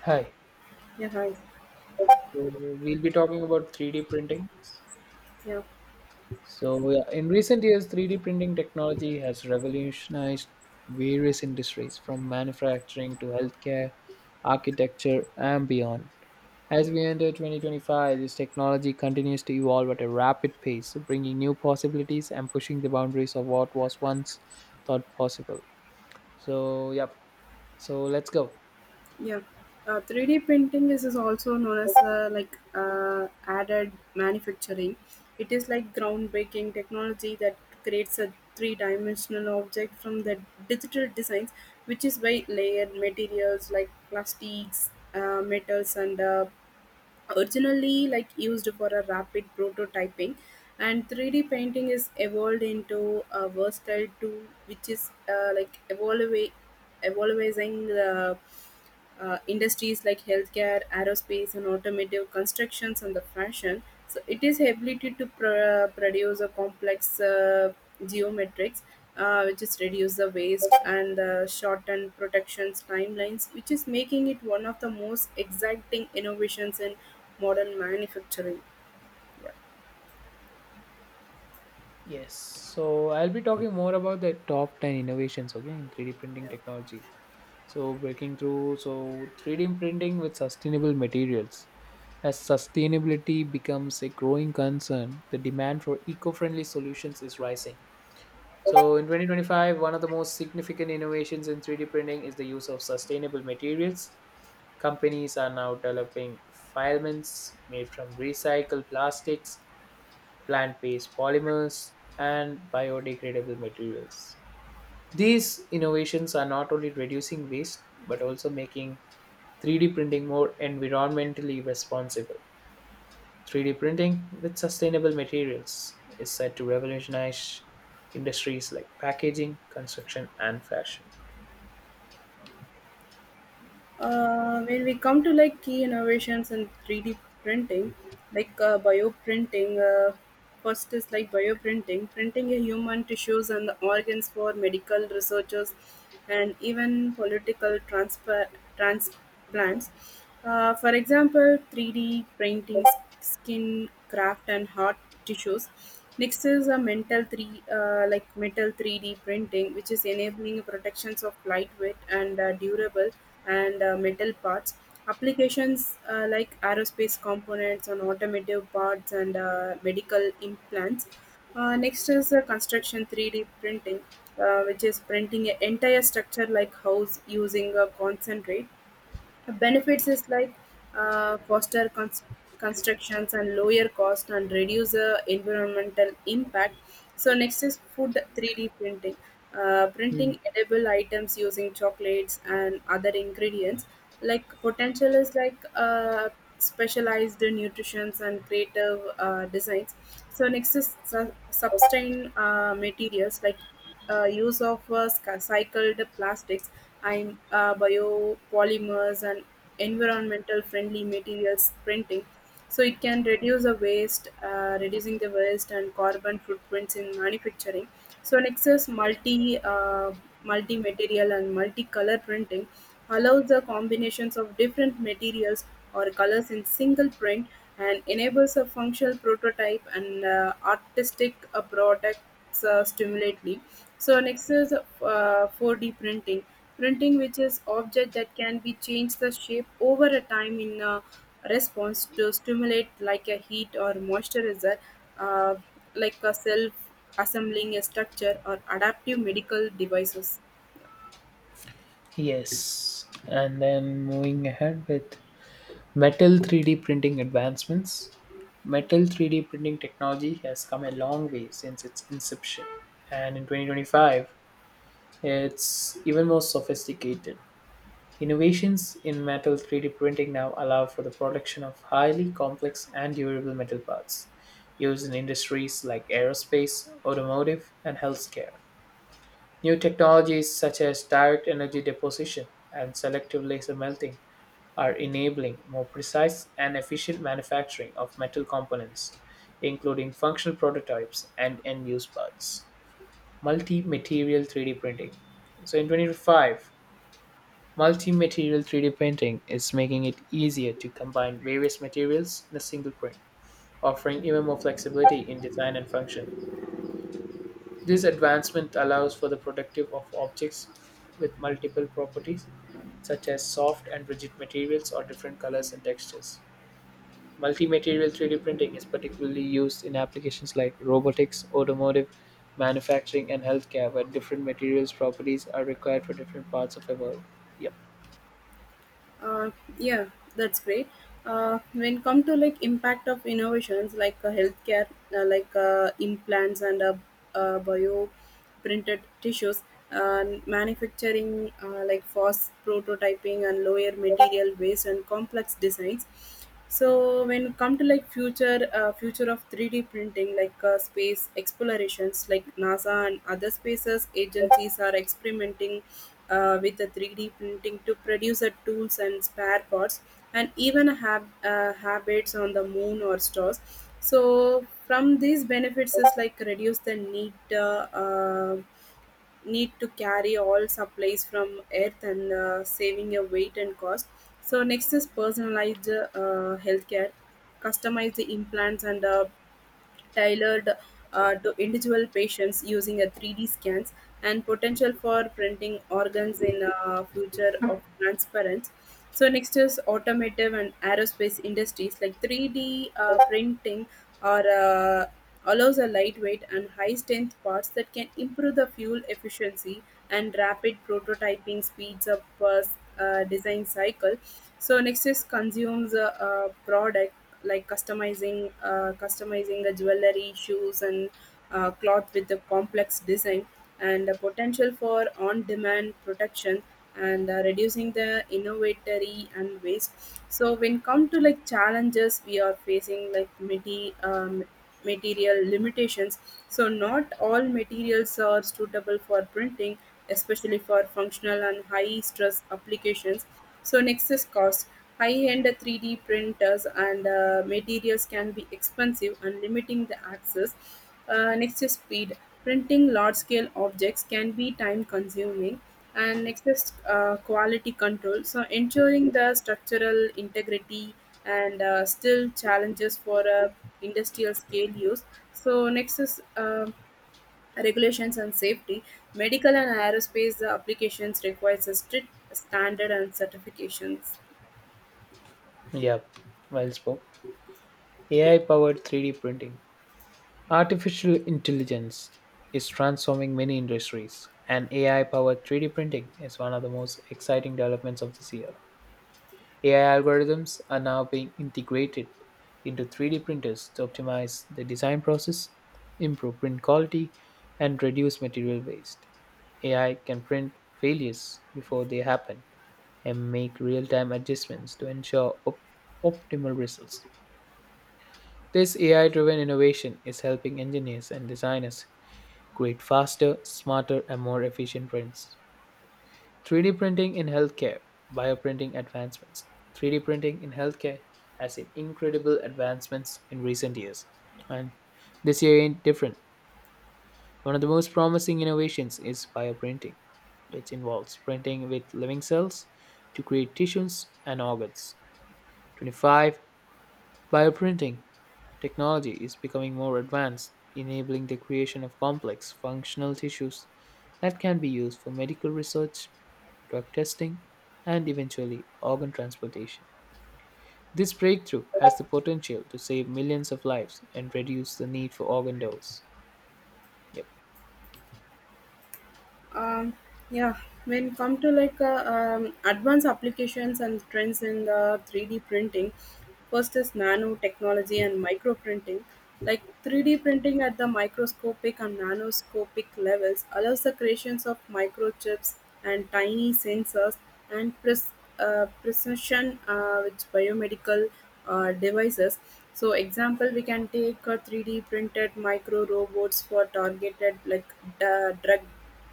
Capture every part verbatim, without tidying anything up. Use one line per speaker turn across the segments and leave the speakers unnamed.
Hi.
Yeah, hi.
So we'll be talking about three D printing.
Yeah.
So yeah, in recent years, three D printing technology has revolutionized various industries from manufacturing to healthcare, architecture, and beyond. As we enter twenty twenty-five, this technology continues to evolve at a rapid pace, bringing new possibilities and pushing the boundaries of what was once thought possible. So, yep. So let's go.
Yeah. Uh, three D printing is, is also known as uh, like uh, added manufacturing. It is like groundbreaking technology that creates a three-dimensional object from the digital designs, which is by layered materials like plastics, uh, metals, and uh, originally like used for a rapid prototyping and three D painting is evolved into a versatile tool which is uh, like evolve evolving the uh, industries like healthcare, aerospace, and automotive constructions and the fashion. So it is ability to pr- produce a complex uh, geometrics, uh, which is reduce the waste and the shorten protections timelines, which is making it one of the most exacting innovations in modern manufacturing.
Yes. So I'll be talking more about the top ten innovations, okay, in three D printing technology. So breaking through, so three D printing with sustainable materials. As sustainability becomes a growing concern, the demand for eco-friendly solutions is rising. So in twenty twenty-five, one of the most significant innovations in three D printing is the use of sustainable materials. Companies are now developing filaments made from recycled plastics, plant-based polymers, and biodegradable materials. These innovations are not only reducing waste but also making three D printing more environmentally responsible. three D printing with sustainable materials is set to revolutionize industries like packaging, construction, and fashion.
Uh, when we come to like key innovations in three D printing, like uh, bioprinting, uh, first is like bioprinting, printing a human tissues and the organs for medical researchers and even political transfer, trans plants. Uh, for example, three D printing skin craft and heart tissues. Next is a metal three uh, like metal three D printing, which is enabling protections of lightweight and uh, durable and uh, metal parts. Applications uh, like aerospace components and automotive parts and uh, medical implants. Uh, next is uh, construction three D printing, uh, which is printing an entire structure like house using a concentrate. Benefits is like uh, foster cons- constructions and lower cost and reduce uh, environmental impact. So next is food three D printing. Uh,
Hmm.
printing edible items using chocolates and other ingredients. Like potential is like uh, specialized nutritions and creative uh, designs. So next is su- sustain uh, materials like uh, use of uh, sc- cycled plastics and uh, biopolymers and environmental friendly materials printing, so it can reduce the waste, uh, reducing the waste and carbon footprints in manufacturing. So nexus multi uh, multi material and multi color printing allows the combinations of different materials or colors in single print and enables a functional prototype and uh, artistic uh, product uh, stimulately. So next is uh, four D printing. Printing, which is object that can be changed the shape over a time in a response to stimulate like a heat or moisturizer, uh, like a self assembling a structure or adaptive medical devices.
Yes, and then moving ahead with metal three D printing advancements. Metal three D printing technology has come a long way since its inception, and in twenty twenty-five, it's even more sophisticated. Innovations in metal three-D printing now allow for the production of highly complex and durable metal parts used in industries like aerospace, automotive, and healthcare. New technologies such as direct energy deposition and selective laser melting are enabling more precise and efficient manufacturing of metal components, including functional prototypes and end use parts. Multi material three D printing. So, in twenty twenty-five, multi-material three D printing is making it easier to combine various materials in a single print, offering even more flexibility in design and function. This advancement allows for the productive of objects with multiple properties such as soft and rigid materials or different colors and textures. Multi-material three D printing is particularly used in applications like robotics, automotive, manufacturing, and healthcare, where different materials properties are required for different parts of a world. Yep.
Uh, yeah, that's great. Uh, when come to like impact of innovations like uh, healthcare, uh, like uh, implants and uh, uh, bio printed tissues, uh, manufacturing, uh, like fast prototyping and lower material waste and complex designs. So when it come to like future uh, future of three D printing, like uh, space explorations like NASA and other spaces agencies are experimenting uh, with the three D printing to produce the tools and spare parts and even have uh, habits on the moon or stars. So from these benefits is like reduce the need uh, uh, need to carry all supplies from earth and uh, saving a weight and cost. So next is personalized uh, healthcare, customize the implants and uh, tailored uh, to individual patients using a three D scans, and potential for printing organs in uh, future of transparent. So next is automotive and aerospace industries like three D uh, printing or uh, allows a lightweight and high strength parts that can improve the fuel efficiency and rapid prototyping speeds up uh, s- uh, design cycle. So next is consumes a, uh product like customizing uh, customizing the jewelry shoes and uh, cloth with a complex design and the potential for on-demand protection and uh, reducing the innovatory and waste. So when come to like challenges we are facing like many um, material limitations, so not all materials are suitable for printing, especially for functional and high stress applications. So next is cost. High end three D printers and uh, materials can be expensive and limiting the access. Uh, next is speed. Printing large scale objects can be time consuming. And next is uh, quality control. So ensuring the structural integrity and uh, still challenges for uh, industrial scale use. So next is uh, regulations and safety. Medical and aerospace applications requires a strict standard and certifications.
Yep. Well spoken. A I-powered three D printing. Artificial intelligence is transforming many industries, and A I-powered three D printing is one of the most exciting developments of this year. A I algorithms are now being integrated into three D printers to optimize the design process, improve print quality, and reduce material waste. A I can print failures before they happen and make real-time adjustments to ensure op- optimal results. This A I driven innovation is helping engineers and designers create faster, smarter, and more efficient prints. three D printing in healthcare, bioprinting advancements. three D printing in healthcare has seen incredible advancements in recent years. And this year ain't different. One of the most promising innovations is bioprinting, which involves printing with living cells to create tissues and organs. twenty-five bioprinting technology is becoming more advanced, enabling the creation of complex, functional tissues that can be used for medical research, drug testing, and eventually organ transplantation. This breakthrough has the potential to save millions of lives and reduce the need for organ dose. Yep.
um, yeah, when come to like uh, um, advanced applications and trends in the three D printing, first is nanotechnology and microprinting, like three D printing at the microscopic and nanoscopic levels allows the creations of microchips and tiny sensors and pres- uh, precision uh, with biomedical uh, devices. So example we can take a three D printed micro robots for targeted like d- drug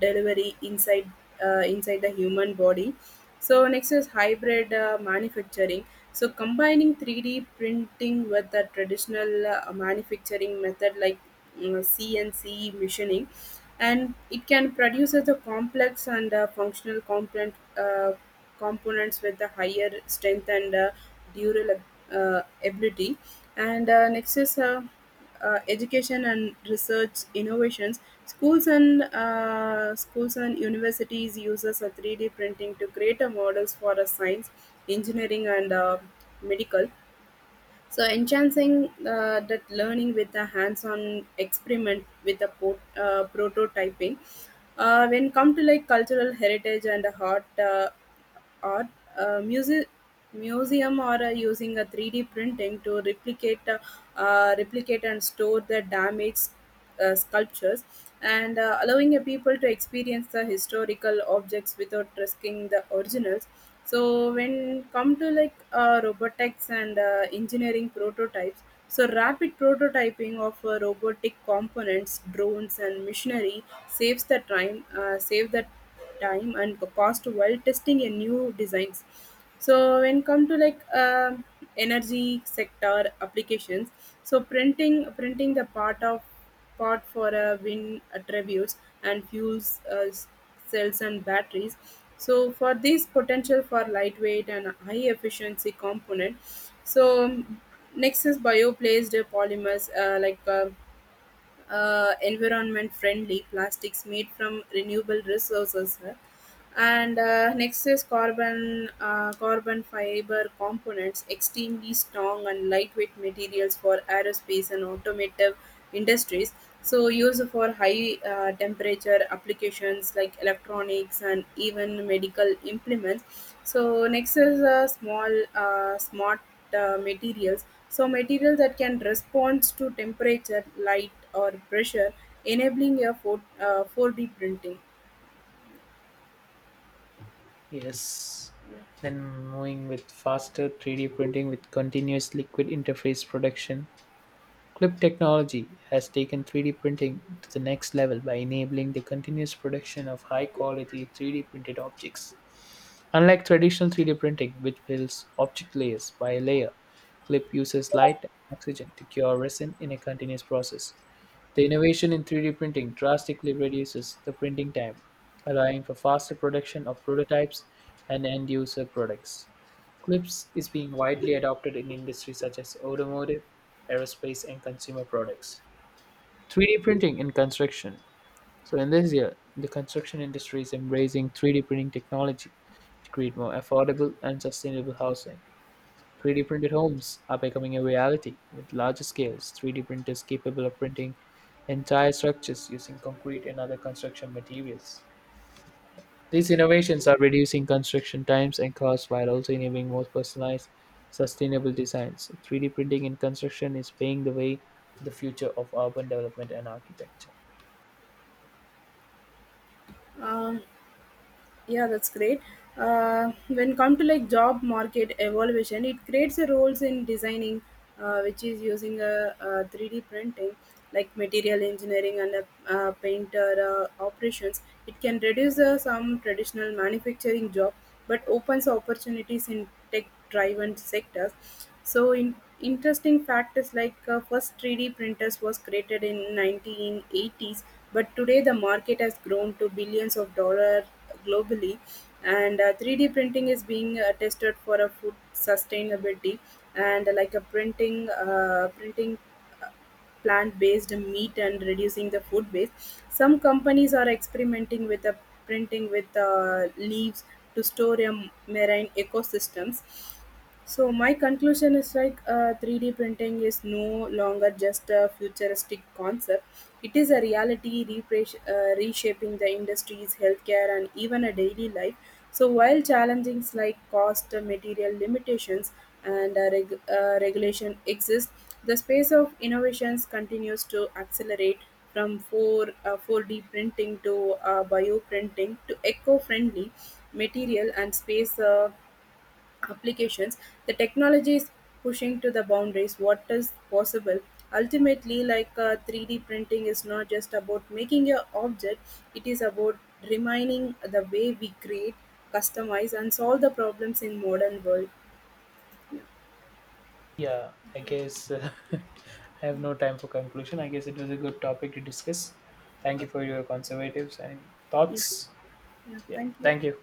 delivery inside uh, inside the human body. So next is hybrid uh, manufacturing. So combining three D printing with the traditional uh, manufacturing method like mm, C N C machining, and it can produce as a complex and uh, functional component. Uh, components with the higher strength and uh, durable uh, ability. And uh, next is uh, uh, education and research innovations. Schools and uh, schools and universities uses a three D printing to create a models for a science, engineering, and uh, medical. So enhancing uh, that learning with a hands-on experiment with a po- uh, prototyping. Uh, when come to like cultural heritage and art, uh, art uh, music museum or uh, using a three D printing to replicate uh, uh, replicate and store the damaged uh, sculptures and uh, allowing a people to experience the historical objects without risking the originals. So when come to like uh, robotics and uh, engineering prototypes, so rapid prototyping of uh, robotic components, drones and machinery saves the time uh, save the time and the cost while testing a new designs. So when come to like um energy sector applications, so printing printing the part of part for a wind attributes and fuels uh, cells and batteries. So for this potential for lightweight and high efficiency component. So um, next is placed polymers uh, like. Uh, uh, environment friendly plastics made from renewable resources. And uh, next is carbon uh, carbon fiber components, extremely strong and lightweight materials for aerospace and automotive industries, so used for high uh, temperature applications like electronics and even medical implements. So next is uh, small uh, smart uh, materials, so materials that can respond to temperature, light, or pressure, enabling a four, uh, four D printing.
Yes. Then moving with faster three D printing with continuous liquid interface production. Clip technology has taken three D printing to the next level by enabling the continuous production of high quality three D printed objects. Unlike traditional three D printing, which builds object layers by layer, Clip uses light and oxygen to cure resin in a continuous process. The innovation in three D printing drastically reduces the printing time, allowing for faster production of prototypes and end user products. Clips is being widely adopted in industries such as automotive, aerospace, and consumer products. three D printing in construction. So in this year, the construction industry is embracing three D printing technology to create more affordable and sustainable housing. three D printed homes are becoming a reality with larger scales. three D printers capable of printing entire structures using concrete and other construction materials. These innovations are reducing construction times and costs while also enabling more personalized, sustainable designs. three D printing in construction is paving the way for the future of urban development and architecture.
Um, yeah, that's great. Uh, when come to like job market evaluation, it creates a roles in designing, uh, which is using a, uh three D printing, like material engineering and a, uh, painter uh, operations. It can reduce uh, some traditional manufacturing job, but opens opportunities in tech tech driven sectors. So in interesting fact is like uh, first three D printers was created in nineteen eighties, but today the market has grown to billions of dollars globally. And uh, three D printing is being uh, tested for a food sustainability and uh, like a printing uh, printing plant based meat and reducing the food waste. Some companies are experimenting with the printing with uh, leaves to store your marine ecosystems. So my conclusion is like uh, three D printing is no longer just a futuristic concept. It is a reality repres- uh, reshaping the industries, healthcare, and even a daily life. So while challenges like cost, uh, material limitations, and uh, reg- uh, regulation exist, the space of innovations continues to accelerate from four, uh, four D printing to uh, bioprinting to eco-friendly material and space uh, applications, the technology is pushing to the boundaries what is possible. Ultimately, like uh, three D printing is not just about making a object, it is about remaining the way we create, customize, and solve the problems in modern world.
Yeah, I guess uh, I have no time for conclusion. I guess it was a good topic to discuss. Thank you
Okay.
for your conservatives and
Yeah.
thoughts.
Yeah,
Yeah,
thank you.
thank you.